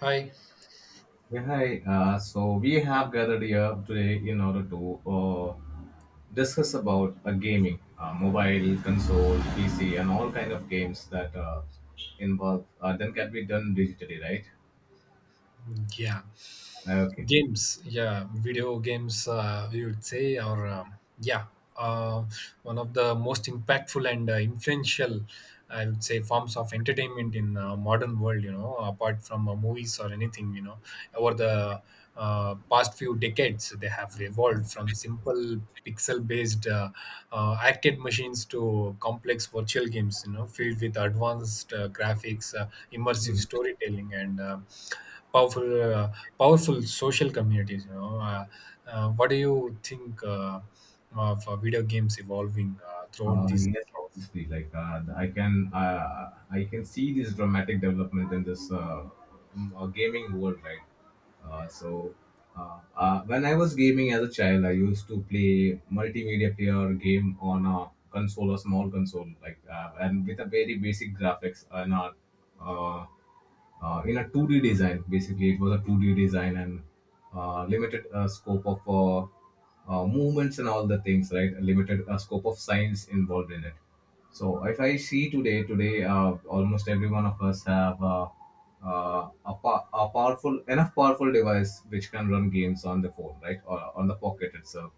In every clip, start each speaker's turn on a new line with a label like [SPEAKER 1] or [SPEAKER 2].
[SPEAKER 1] Hi.
[SPEAKER 2] Yeah, hi. So we have gathered here today in order to discuss about gaming, mobile, console, PC, and all kind of games that involve then can be done digitally, right?
[SPEAKER 1] Yeah,
[SPEAKER 2] Okay.
[SPEAKER 1] games. Yeah, video games. We would say, or yeah, uh, one of the most impactful and influential, I would say, forms of entertainment in modern world, You know, apart from movies or anything. Over the past few decades, they have evolved from simple pixel-based arcade machines to complex virtual games, You know, filled with advanced graphics, immersive storytelling and powerful uh, powerful social communities. What do you think of video games evolving throughout these
[SPEAKER 2] Yes,
[SPEAKER 1] decades?
[SPEAKER 2] obviously. Like I can see this dramatic development in this gaming world, right? So when I was gaming as a child, I used to play multimedia player game on a console, a small console, like and with a very basic graphics and a uh, in a 2D design. Basically, it was a 2D design and limited scope of movements and all the things, right? A limited scope of science involved in it. So if I see today, today, almost every one of us have a powerful enough powerful device which can run games on the phone, right, or on the pocket itself.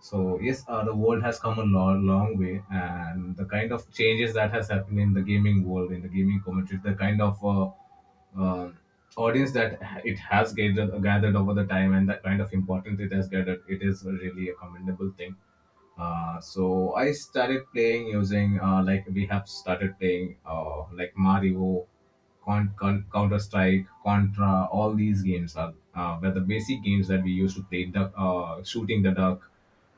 [SPEAKER 2] So yes, the world has come a long, long way, and the kind of changes that has happened in the gaming world, in the gaming community, the kind of uh, audience that it has gathered over the time, and that kind of importance it has gathered, it is really a commendable thing. So I started playing using like we have started playing like Mario, Counter Strike, Contra. All these games are were the basic games that we used to play. Duck, shooting the duck,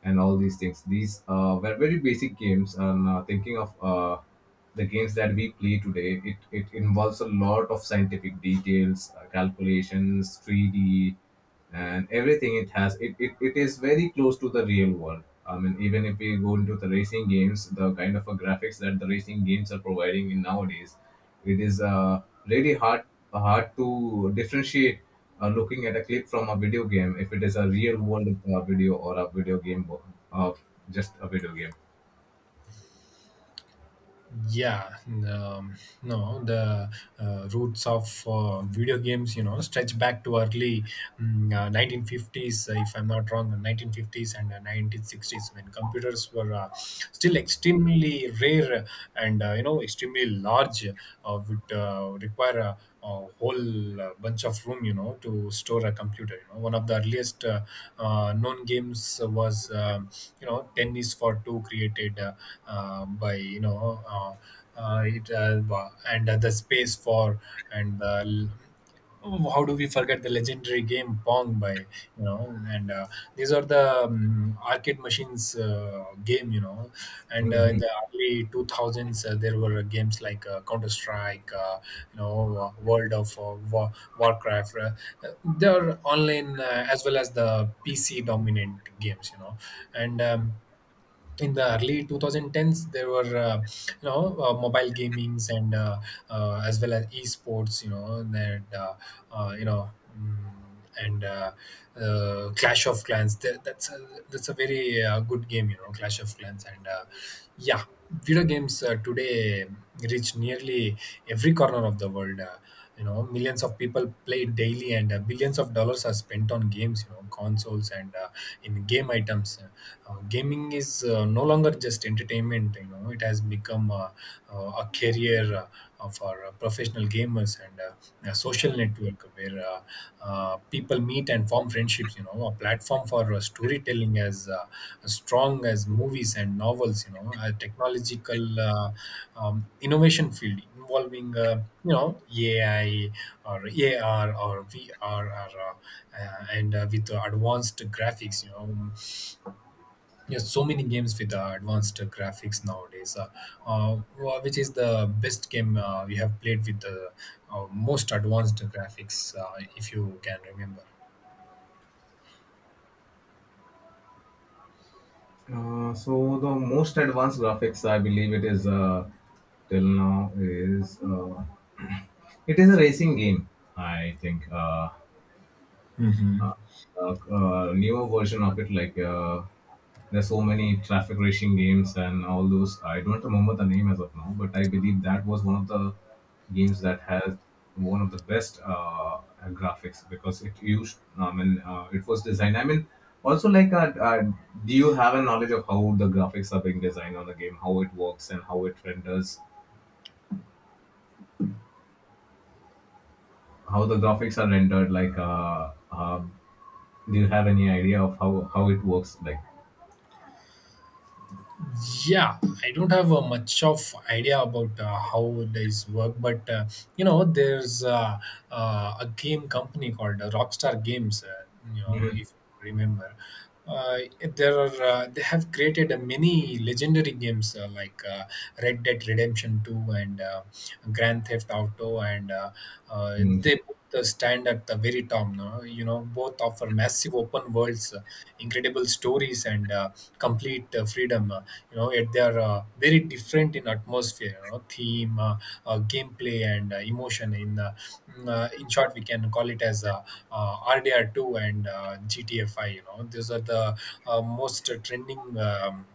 [SPEAKER 2] and all these things. These were very basic games. And thinking of the games that we play today, it involves a lot of scientific details, calculations, 3D and everything it has it, it, it is very close to the real world. I mean, even if we go into the racing games, the kind of a graphics that the racing games are providing in nowadays, it is really hard to differentiate looking at a clip from a video game if it is a real world video or a video game, uh, just a video game.
[SPEAKER 1] Yeah, no, the roots of video games you know, stretch back to early 1950s, if I'm not wrong, 1950s and 1960s, when computers were still extremely rare and extremely large, would require a whole bunch of room, to store a computer. You know, one of the earliest known games was, Tennis for Two, created by, you know, it wa- and the space for, and oh, how do we forget the legendary game Pong, by you know and these are the arcade machines game. You know and In
[SPEAKER 2] Mhm.
[SPEAKER 1] the early 2000s, there were games like counter strike World of Warcraft, they are online as well as the PC dominant games. You know and In the early 2010s, there were mobile gamings and, as well as esports. You know that you know mm, and Clash of Clans, that's a very good game, you know, Clash of Clans. And Yeah, video games today reach nearly every corner of the world. Millions of people play it daily, and billions of dollars are spent on games, You know, consoles and in game items. Gaming is no longer just entertainment. You know, it has become a career, for professional gamers, and a social network where people meet and form friendships, you know a platform for storytelling as strong as movies and novels, you know a technological innovation field involving AI, or AR, or VR, or and with advanced graphics. You know Yes, so many games with advanced graphics nowadays. Which is the best game you have played with the most advanced graphics, if you can remember?
[SPEAKER 2] So the most advanced graphics I believe it is till now is it is a racing game I think,
[SPEAKER 1] Mhm.
[SPEAKER 2] newer version of it. Like there's so many traffic racing games and all those. I don't remember the name as of now, but I believe that was one of the games that has one of the best graphics because it used. I mean, it was designed. I mean, also like, do you have a knowledge of how the graphics are being designed on the game, how it works, and how it renders? How the graphics are rendered? Like, do you have any idea of how it works? Like.
[SPEAKER 1] Yeah, I don't have much of idea about how these work, but there's a game company called Rockstar Games, you know, if you remember. Uh, there are They have created many legendary games like Red Dead Redemption 2, and Grand Theft Auto, and
[SPEAKER 2] Mhm.
[SPEAKER 1] they both stand at the very top now. Both offer massive open worlds, incredible stories, and complete freedom. Yet they are very different in atmosphere, you know, theme, gameplay, and emotion. In short, we can call it as RDR two and GTA. These are the most trending Um,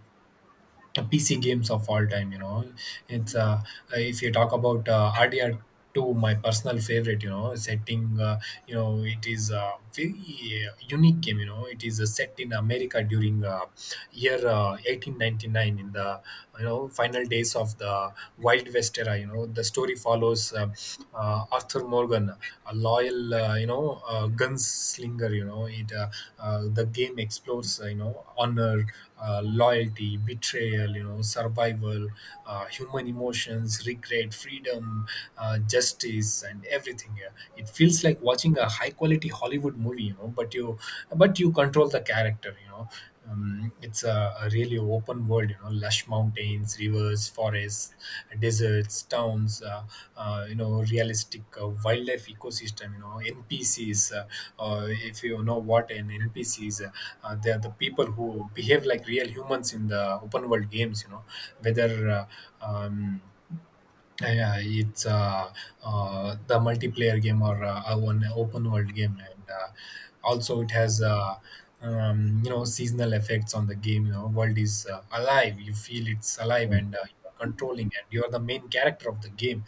[SPEAKER 1] uh, PC games of all time. You know, it's If you talk about RDR two, my personal favorite. Setting: it is a very unique game. You know, it is set in America during year 1899, in the you know final days of the Wild West era. You know, the story follows Arthur Morgan, a loyal gunslinger. You know, it The game explores honor, loyalty, betrayal, you know, survival, human emotions, regret, freedom, justice, and everything. Yeah. It feels like watching a high quality Hollywood movie, you know, but you control the character. You know. It's a really open world: you know, lush mountains, rivers, forests, deserts, towns, realistic wildlife ecosystem, you know, NPCs. If you know what an NPC is, they are the people who behave like real humans in the open world games, you know, whether uh, um, yeah, yeah, it's the multiplayer game or a one open world game. And also, it has seasonal effects on the game. You know, world is alive. You feel it's alive, and you are controlling, and you are the main character of the game.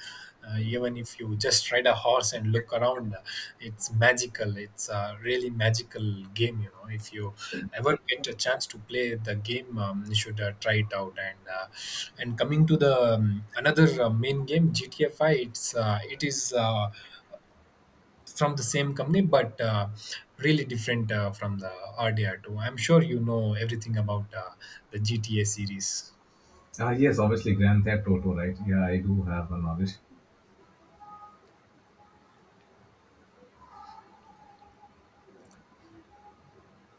[SPEAKER 1] Even if you just ride a horse and look around, it's magical, it's a really magical game. If you ever get a chance to play the game, you should try it out. And coming to the another main game, GTA 5, it's it is uh, from the same company, but really different from the RDR2. I'm sure you know everything about the GTA series.
[SPEAKER 2] Ah, yes, obviously Grand Theft Auto, right? Yeah, I do have a knowledge.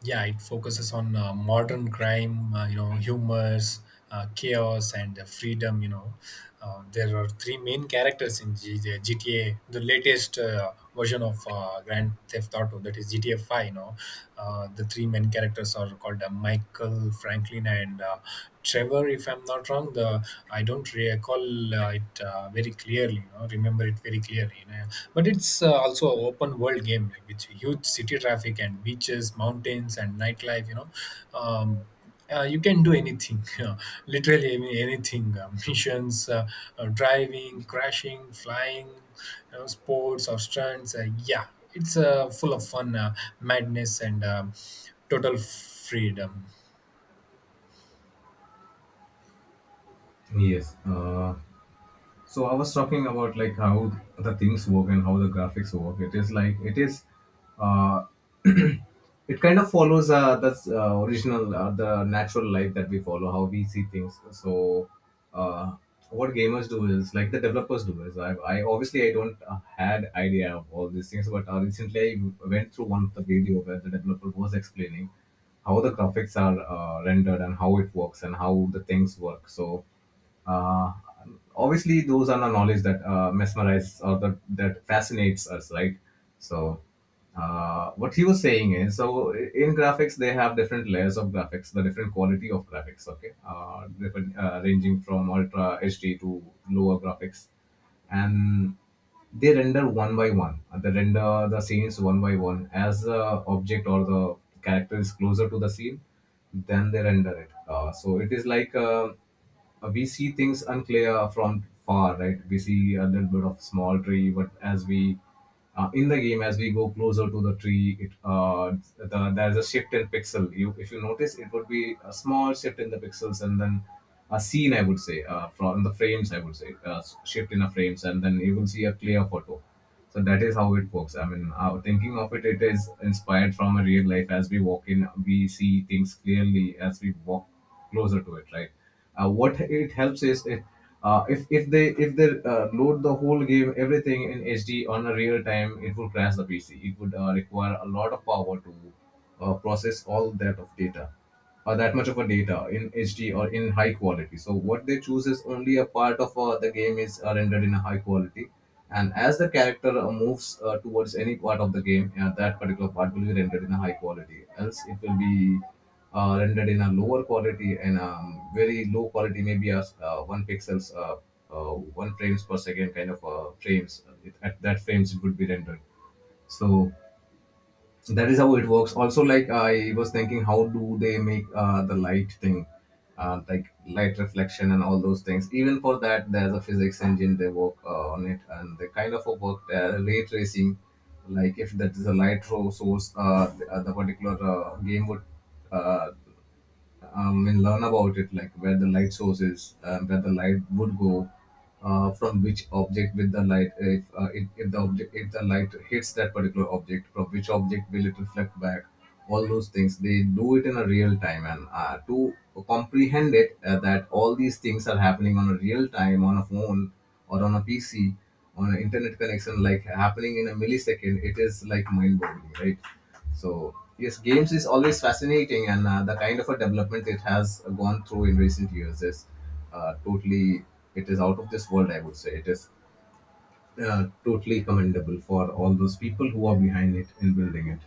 [SPEAKER 1] Yeah, it focuses on modern crime, humors, chaos, and freedom. There are three main characters in the GTA, the latest version of Grand Theft Auto, that is GTA 5. The three main characters are called Michael, Franklin, and Trevor, if I'm not wrong. The I don't recall it very clearly. Remember it very clearly. But it's also an open world game with huge city traffic, and beaches, mountains, and nightlife. Um, you can do anything, you know, literally anything. Missions, driving, crashing, flying, you know, sports, or stunts. Yeah, it's full of fun, madness, and total freedom.
[SPEAKER 2] Yes. So I was talking about like how the things work and how the graphics work. It is like it is, uh, it kind of follows the original the natural life that we follow, how we see things. So uh, what gamers do is like the developers do is I obviously I don't had idea of all these things, but recently I went through one of the video where the developer was explaining how the graphics are rendered and how it works and how the things work. So uh, obviously those are the knowledge that mesmerize or that fascinates us, right? So what he was saying is, so in graphics they have different layers of graphics, the different quality of graphics, okay, ranging from ultra HD to lower graphics, and they render one by one. They render the scenes one by one. As the object or the character is closer to the scene, then they render it. So it is like we see things unclear from far, right? We see a little bit of small tree, but as we in the game, as we go closer to the tree, there's a shift in pixel. You, if you notice, it would be a small shift in the pixels, and then a scene, I would say, from the frames, I would say, shift in the frames, and then you will see a clear photo. So that is how it works. I mean, our thinking of it, it is inspired from a real life. As we walk in, we see things clearly. As we walk closer to it, right? What it helps is if, if they load the whole game everything in HD on a real time, it will crash the PC. It would require a lot of power to process all that of data, or that much of a data in HD or in high quality. So what they choose is only a part of the game is rendered in a high quality, and as the character moves towards any part of the game, that particular part will be rendered in a high quality. Else, it will be rendered in a lower quality and very low quality, maybe as one pixels, one frames per second kind of frames. It, at that frames, it would be rendered. So so that is how it works. Also, like, I was thinking, how do they make the light thing, like light reflection and all those things? Even for that, there's a physics engine they work on it, and they kind of work ray tracing. Like, if that is a light source, the particular game would uh, and learn about it, like where the light source is, where the light would go, from which object with the light, if the object, if the light hits that particular object, from which object will it reflect back, all those things. They do it in a real time, and to comprehend it that all these things are happening on a real time on a phone or on a PC on an internet connection, like happening in a millisecond, it is like mind boggling, right? So yes, games is always fascinating, and the kind of a development it has gone through in recent years is totally it is out of this world. I would say it is totally commendable for all those people who are behind it in building it.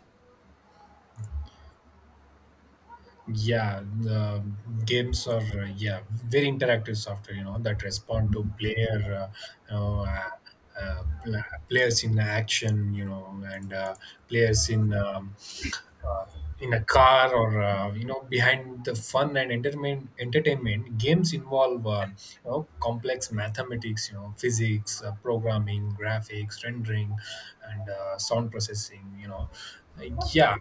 [SPEAKER 1] Yeah, the games are yeah, very interactive software you know that respond to player uh, pl- players in action. You know and Players uh, in a car, or behind the fun and entertainment, games involve complex mathematics, you know physics, programming, graphics rendering, and sound processing. Uh, yeah,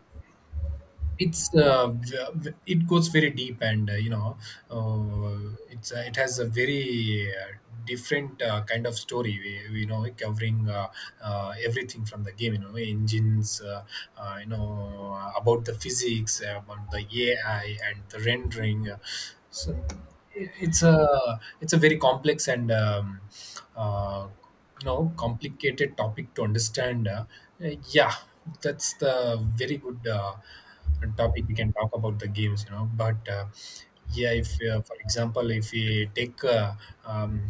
[SPEAKER 1] it's it goes very deep, and it has a very different kind of story. We you know like, Covering everything, from the game you know, engines, about the physics, about the AI, and the rendering. So it's a, it's a very complex and uh, complicated topic to understand. Yeah, that's the very good topic we can talk about, the games. You know but Yeah, if for example, if we take um,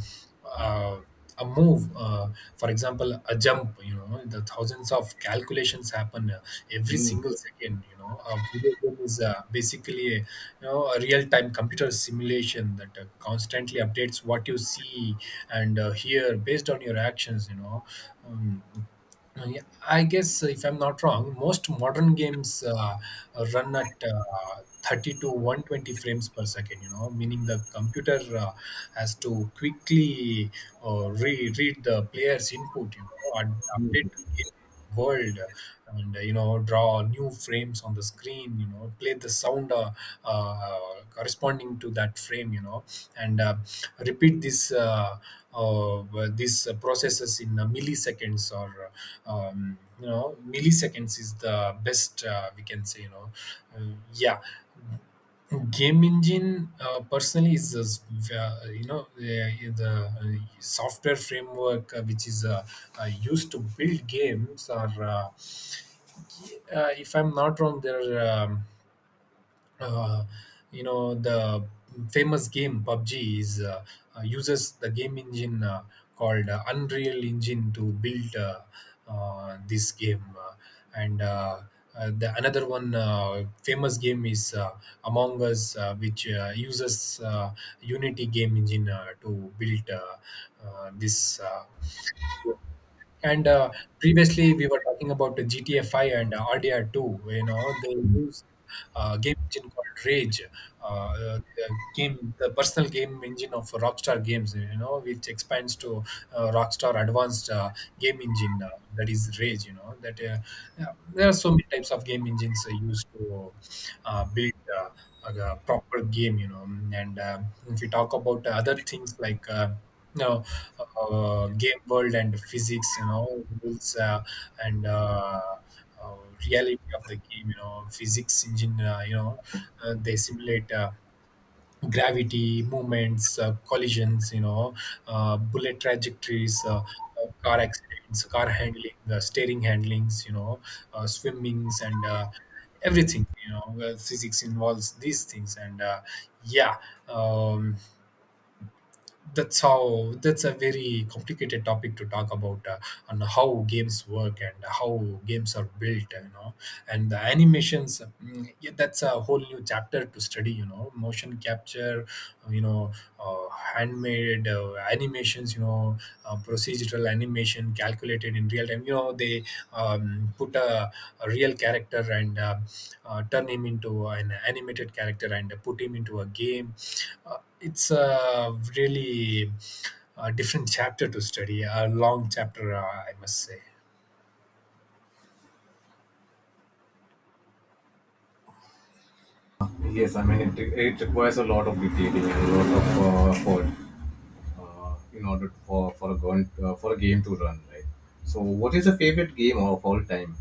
[SPEAKER 1] uh, a move, for example, a jump, the thousands of calculations happen every
[SPEAKER 2] Mm.
[SPEAKER 1] single second. A video game is basically a, a real-time computer simulation that constantly updates what you see and hear based on your actions. Um, Yeah, I guess, if I'm not wrong, most modern games run at 30 to 120 frames per second, you know, meaning the computer has to quickly read the player's input, you know, and update it world, and draw new frames on the screen, you know play the sound corresponding to that frame, you know and repeat this uh, these processes in milliseconds, or milliseconds is the best we can say. Yeah, game engine personally is uh, you know uh, the software framework which is used to build games. Or, if I'm not wrong, there are uh, the famous game PUBG is, uses the game engine called Unreal Engine to build this game. And The another one famous game is Among Us, which uses Unity game engine to build this. And Previously, we were talking about the GTA 5 and RDR 2. You know, they use game engine called Rage, the game, the personal game engine of Rockstar Games, You know, which expands to Rockstar Advanced Game Engine, that is Rage. You know, that Yeah, there are so many types of game engines used to build. Like a proper game, and if you talk about other things like you know game world and physics, you know, rules and uh, reality of the game. You know, physics engine. They simulate. Gravity movements, collisions, bullet trajectories, car accidents, car handling, steering handlings, swimmings, and everything. Physics involves these things and yeah um, that's a very complicated topic to talk about, on how games work and how games are built. And the animations, mm, yeah, that's a whole new chapter to study. Motion capture, you know handmade animations, procedural animation calculated in real time. They put a real character and turn him into an animated character and put him into a game. It's a really different chapter to study, a long chapter, I must say.
[SPEAKER 2] Yes, I mean it, it requires a lot of detailing and a lot of effort in order to, for for a game to run right. So, what is your favorite game of all time?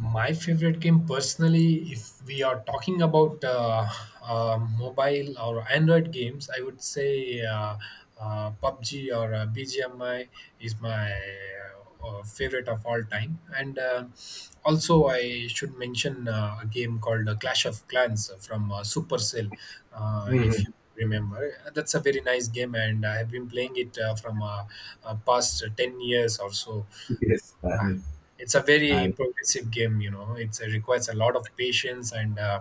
[SPEAKER 1] My favorite game, personally, if we are talking about mobile or Android games, I would say PUBG or BGMI is my favorite of all time. And also, I should mention a game called Clash of Clans from Supercell, if
[SPEAKER 2] Hmm.
[SPEAKER 1] you remember. That's a very nice game, and I have been playing it from past 10 years or so.
[SPEAKER 2] Yes, I
[SPEAKER 1] Yeah.
[SPEAKER 2] mean,
[SPEAKER 1] It's a very
[SPEAKER 2] I.
[SPEAKER 1] progressive game, you know. It requires a lot of patience and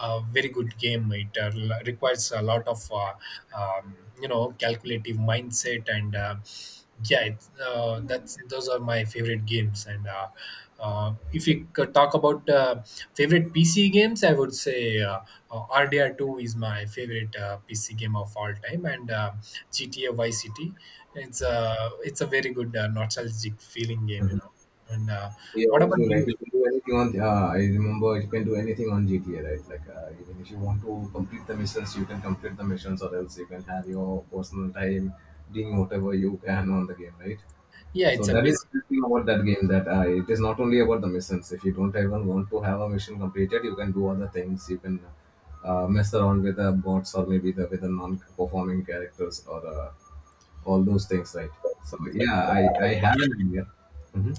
[SPEAKER 1] a very good game. It requires a lot of, you know, calculative mindset and that's those are my favorite games. And if we could talk about favorite PC games, I would say RDR2 is my favorite PC game of all time, and GTA Vice City, it's a very good nostalgic feeling game, you know. And
[SPEAKER 2] Yeah,
[SPEAKER 1] what about
[SPEAKER 2] obviously, like
[SPEAKER 1] you?
[SPEAKER 2] you can do anything on. Yeah, I remember you can do anything on GTA, right? Like even if you want to complete the missions, you can complete the missions, or else you can have your personal time doing whatever you can on the game, right?
[SPEAKER 1] Yeah,
[SPEAKER 2] So
[SPEAKER 1] it's a
[SPEAKER 2] that is
[SPEAKER 1] basic.
[SPEAKER 2] the thing about that game, that it is not only about the missions. If you don't even want to have a mission completed, you can do other things. You can mess around with the bots or maybe the with the non-performing characters or all those things, right? So yeah, I have an idea. Mm-hmm.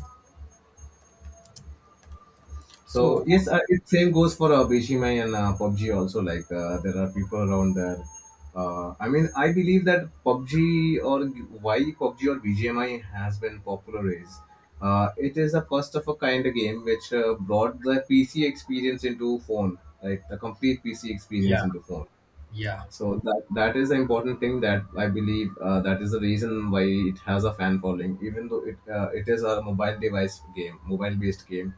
[SPEAKER 2] So
[SPEAKER 1] So
[SPEAKER 2] yes, it same goes for Beshimai and PUBG also. Like there are people around there. I mean, I believe that PUBG or BGMI has been popular is, it is a first of a kind of game which brought the PC experience into phone, right? The complete PC experience
[SPEAKER 1] yeah,
[SPEAKER 2] into phone.
[SPEAKER 1] yeah,
[SPEAKER 2] So that is the important thing that I believe, that is the reason why it has a fan following, even though it, it is a mobile device game, mobile based game,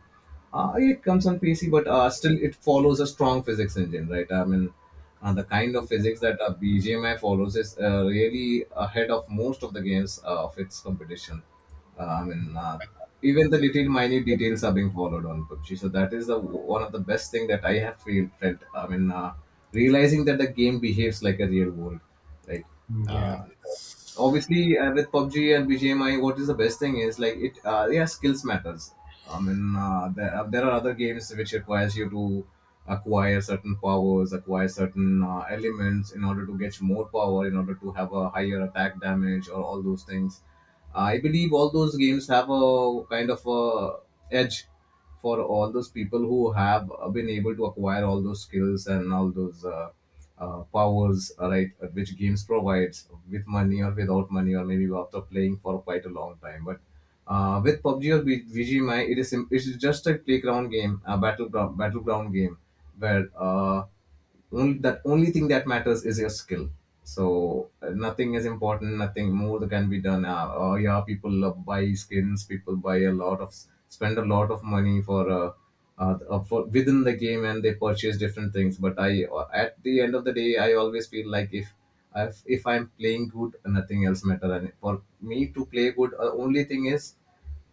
[SPEAKER 2] it comes on PC, but still it follows a strong physics engine, right? I mean, the kind of physics that BGMI follows is really ahead of most of the games of its competition. I mean, even the little minute details are being followed on PUBG. So that is the one of the best thing that I have feel, felt. I mean, realizing that the game behaves like a real world, right?
[SPEAKER 1] mm,
[SPEAKER 2] right?
[SPEAKER 1] yeah.
[SPEAKER 2] Obviously, with PUBG and BGMI, what is the best thing is like it. Yeah, skills matters. There are other games which requires you to acquire certain powers, acquire certain elements in order to get more power, in order to have a higher attack damage, or all those things. I believe all those games have a kind of a edge for all those people who have been able to acquire all those skills and all those powers, right, which games provides with money or without money or maybe after playing for quite a long time. But with PUBG or VGMI, it is just a playground game, a battleground game where only thing that matters is your skill. So nothing is important, nothing more that can be done. Oh yeah, people love buy skins, people buy a lot of, spend a lot of money for within the game and they purchase different things. But I at the end of the day I always feel like if if I'm playing good nothing else matter, and for me to play good only thing is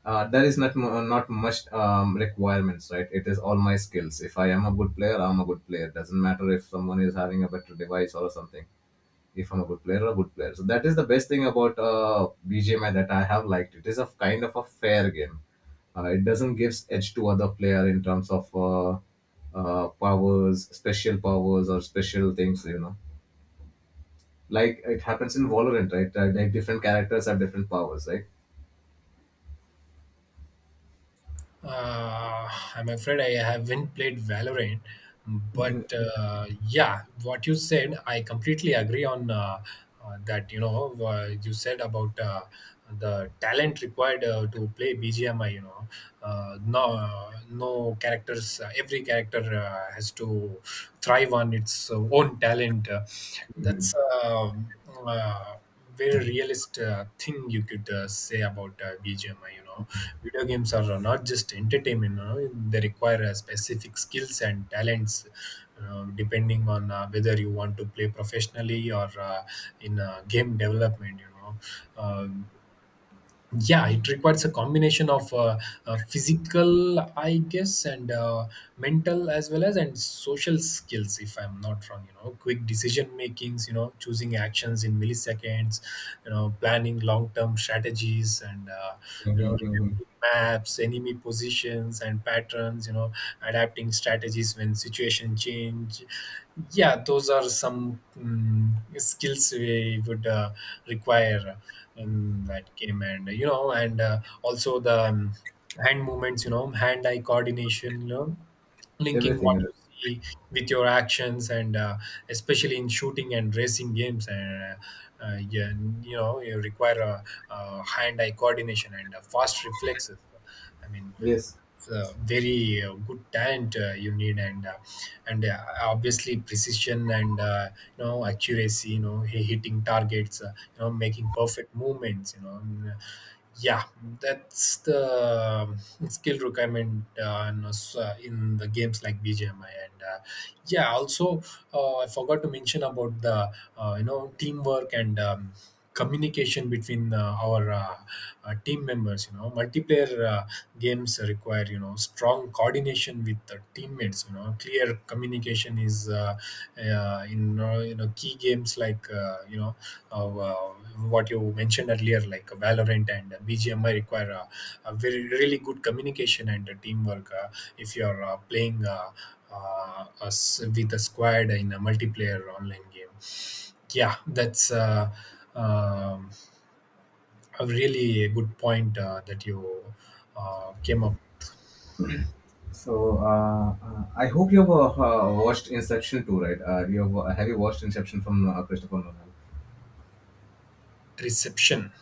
[SPEAKER 2] there is not much requirements, right? It is all my skills. If I am a good player, I'm a good player. Doesn't matter if someone is having a better device or something. If I'm a good player, a good player. So that is the best thing about BGMI that I have liked. It is a kind of a fair game. It doesn't gives edge to other player in terms of powers, special powers or special things, like it happens in Valorant, right? Like different characters have different powers, right?
[SPEAKER 1] Uh, I'm afraid I haven't played Valorant, but yeah, what you said, I completely agree on that. You know, you said about the talent required to play BGMI. You know, no, no characters. Every character has to thrive on its own talent. That's a, uh very realist thing you could say about BGMI. You know, video games are not just entertainment. You know, they require specific skills and talents, depending on whether you want to play professionally or in game development. You know, uh, yeah, it requires a combination of physical, I guess, and mental, as well as and social skills, if I'm not wrong. You know, quick decision makings, you know, choosing actions in milliseconds, you know, planning long term strategies and you know, remembering maps, enemy positions and patterns, you know, adapting strategies when situation change. Yeah, those are some mm, skills we would require that came. And you know, and also the hand movements, you know, hand eye coordination, you know, linking what
[SPEAKER 2] Everything.
[SPEAKER 1] you see with your actions and especially in shooting and racing games and yeah, you know, you require a, hand eye coordination and fast reflexes, I mean,
[SPEAKER 2] Yes.
[SPEAKER 1] very good talent you need. And obviously precision and you know accuracy, you know, hitting targets, you know, making perfect movements, you know. Yeah, that's the skill requirement in the games like BGMI, and yeah, also I forgot to mention about the you know teamwork and communication between our team members. You know, multiplayer games require, you know, strong coordination with the teammates. You know, clear communication is in you know, key games like uh, uh, what you mentioned earlier, like Valorant and BGMI require a very really good communication and teamwork. If you're playing with a squad in a multiplayer online game, yeah, that's um, a really good point that you came up.
[SPEAKER 2] So I hope you've watched Inception too, right? You have you watched Inception from Christopher Nolan?
[SPEAKER 1] Reception,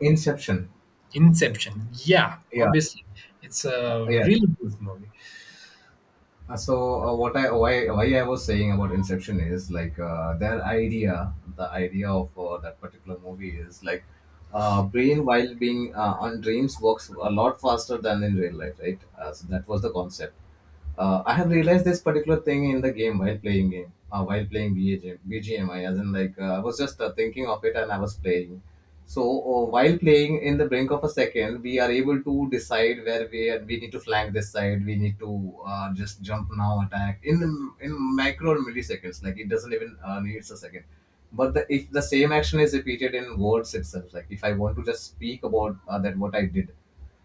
[SPEAKER 2] Inception.
[SPEAKER 1] Inception, yeah,
[SPEAKER 2] Yeah.
[SPEAKER 1] obviously, it's a
[SPEAKER 2] Yeah.
[SPEAKER 1] really good movie.
[SPEAKER 2] So what I why I was saying about Inception is like their idea, the idea of that particular movie is like brain while being on dreams works a lot faster than in real life, right? So that was the concept. I have realized this particular thing in the game, while playing BGMI, as in like I was just thinking of it and I was playing. So while playing in the brink of a second, we are able to decide where we are, we need to flank this side. We need to just jump now, attack in micro or milliseconds. Like it doesn't even needs a second. But the, if the same action is repeated in words itself, like if I want to just speak about that what I did,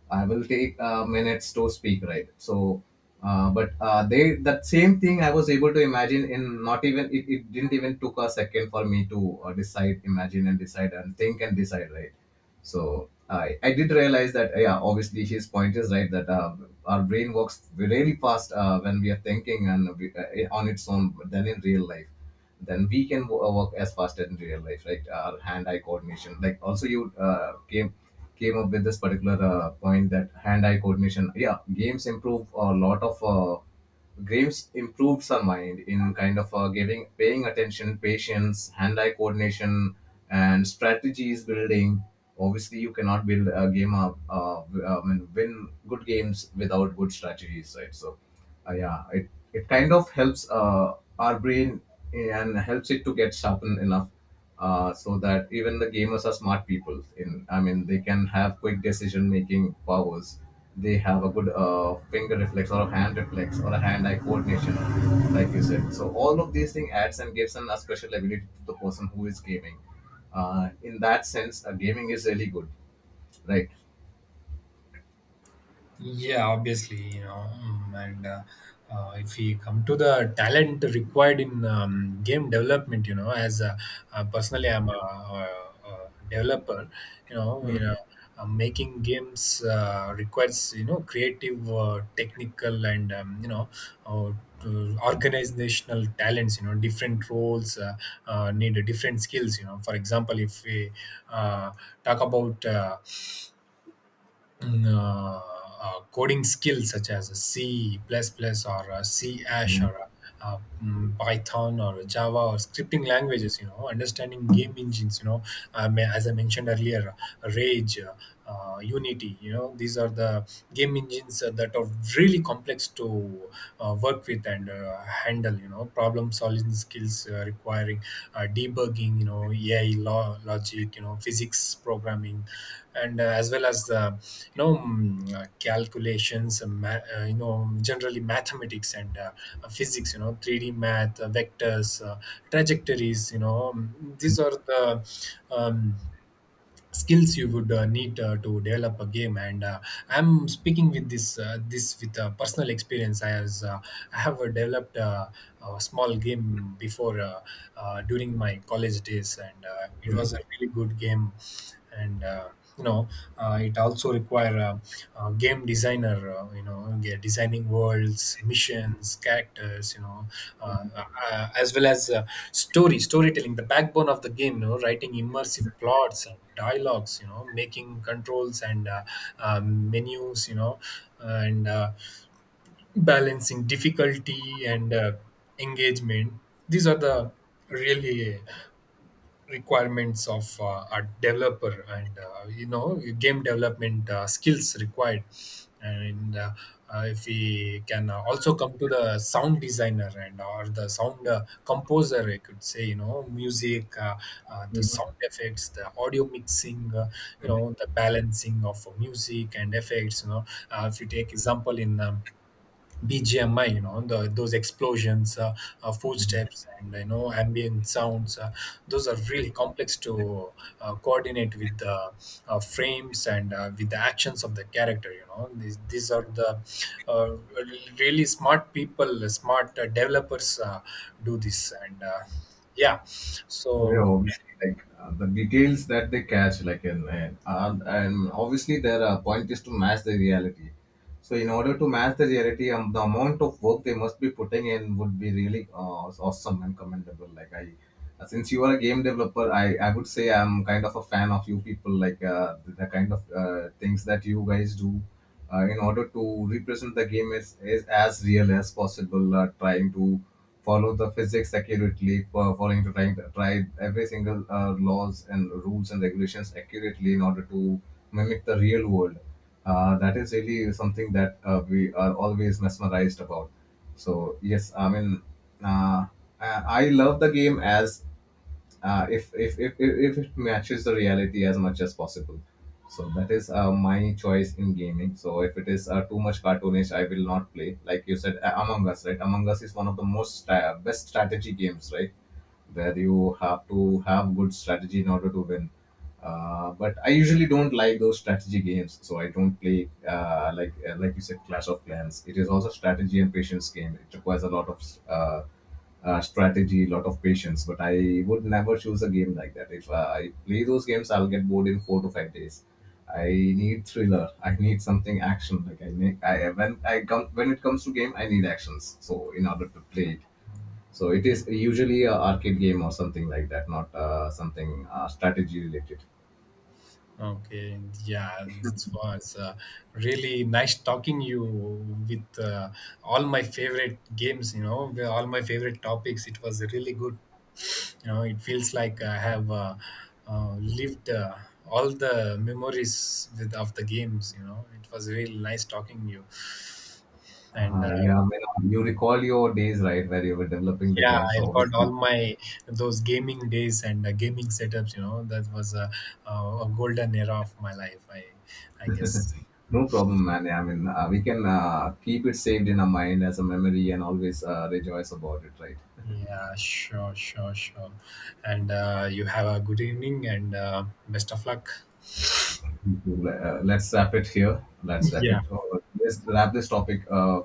[SPEAKER 2] I will take minutes to speak, right? So, but they that same thing I was able to imagine in not even it didn't even took a second for me to decide, imagine and decide and think and decide, right? So I did realize that yeah, obviously his point is right that our brain works really fast when we are thinking and on its own than in real life. Then we can work as fast as in real life, right? Our hand-eye coordination, like also you came up with this particular point that hand-eye coordination. Yeah, games improve a lot of games improves our mind in kind of giving paying attention, patience, hand-eye coordination, and strategies building. Obviously, you cannot build a game of I mean, win good games without good strategies, right? So, yeah, it kind of helps our brain and helps it to get sharpened enough, so that even the gamers are smart people. In I mean, they can have quick decision making powers. They have a good finger reflex or a hand reflex or a hand eye coordination like you said. So all of these things adds and gives a special ability to the person who is gaming. In that sense, gaming is really good, right?
[SPEAKER 1] Yeah, obviously, you know, mm, and if we come to the talent required in game development, you know, as personally, I'm a developer, you know, making games requires, you know, creative, technical, and you know. Uh, to organizational talents, you know, different roles need different skills, you know. For example, if we uh, talk about mm, uh, coding skills such as a C plus, plus or a C Ash
[SPEAKER 2] Mhm.
[SPEAKER 1] or a, Python or Java or scripting languages, you know, understanding game engines, you know, I mean, as I mentioned earlier, Rage, Unity, you know, these are the game engines that are really complex to work with and handle. You know, problem solving skills requiring debugging, you know, AI law, logic, you know, physics programming, and as well as the, you know, mm, calculations you know, generally mathematics and physics, you know, 3D math, vectors, trajectories, you know, mm, these are the um, skills you would need to develop a game. And I'm speaking with this with personal experience. I have developed a small game before, during my college days, and it was a really good game. And you know, it also requires are game designer, you know, yeah, designing worlds, missions, characters, you know, as well as storytelling, the backbone of the game, you know, writing immersive plots and dialogues, you know, making controls and menus, you know, and balancing difficulty and engagement. These are the really requirements of a developer, and you know, game development skills required. And if we can also come to the sound designer and or the sound composer, I could say. You know, music, the
[SPEAKER 2] Mhm.
[SPEAKER 1] sound effects, the audio mixing, you know, the balancing of music and effects, you know. If you take example in BGMI, you know, those explosions,
[SPEAKER 2] Mhm.
[SPEAKER 1] footsteps, and, you know, ambient sounds. Those are really complex to coordinate with the frames and with the actions of the character. You know, these are the uh, really smart people, smart developers do this, and yeah, so.
[SPEAKER 2] Yeah, obviously, like the details that they catch, like and obviously their point is to match the reality. So in order to match the reality, the amount of work they must be putting in would be really awesome and commendable. Since you are a game developer, I would say I'm kind of a fan of you people. Like the kind of things that you guys do in order to represent the game is as real as possible. Trying to follow the physics accurately, for following to trying to try every single laws and rules and regulations accurately in order to mimic the real world. That is really something that we are always mesmerized about. So yes, I mean, uh, I love the game as if it matches the reality as much as possible. So that is my choice in gaming. So if it is too much cartoonish, I will not play. Like you said, Among Us, right? Among Us is one of the best strategy games, right? Where you have to have good strategy in order to win. But I usually don't like those strategy games, so I don't play like you said, Clash of Clans. It is also strategy and patience game. It requires a lot of uh, strategy, lot of patience. But I would never choose a game like that. If I play those games, I'll get bored in 4 to 5 days. I need thriller. I need something action. Like I need I when I come when it comes to game, I need actions. So in order to play it, so it is usually a arcade game or something like that, not something strategy related.
[SPEAKER 1] Okay, yeah, this was really nice talking you with all my favorite games. You know, all my favorite topics. It was really good. You know, it feels like I have lived all the memories with, of the games. You know, it was really nice talking you. And
[SPEAKER 2] Yeah, I mean, you recall your days, right, where you were developing the
[SPEAKER 1] yeah,
[SPEAKER 2] game.
[SPEAKER 1] I
[SPEAKER 2] So
[SPEAKER 1] got all
[SPEAKER 2] obviously,
[SPEAKER 1] my those gaming days and gaming setups. You know, that was a a golden era of my life. I guess. Hmm.
[SPEAKER 2] no problem, man. Yeah, I mean, we can keep it saved in our mind as a memory and always rejoice about it, right?
[SPEAKER 1] Yeah, sure, sure, sure. And you have a good evening and best of luck.
[SPEAKER 2] Let's wrap it here. Let's wrap
[SPEAKER 1] Yeah.
[SPEAKER 2] it. Let's wrap this topic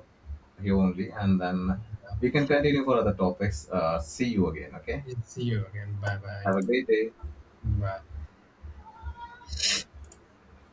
[SPEAKER 2] here only, and then we can continue for other topics. See you again. Okay.
[SPEAKER 1] See you again. Bye bye.
[SPEAKER 2] Have a great day.
[SPEAKER 1] Bye.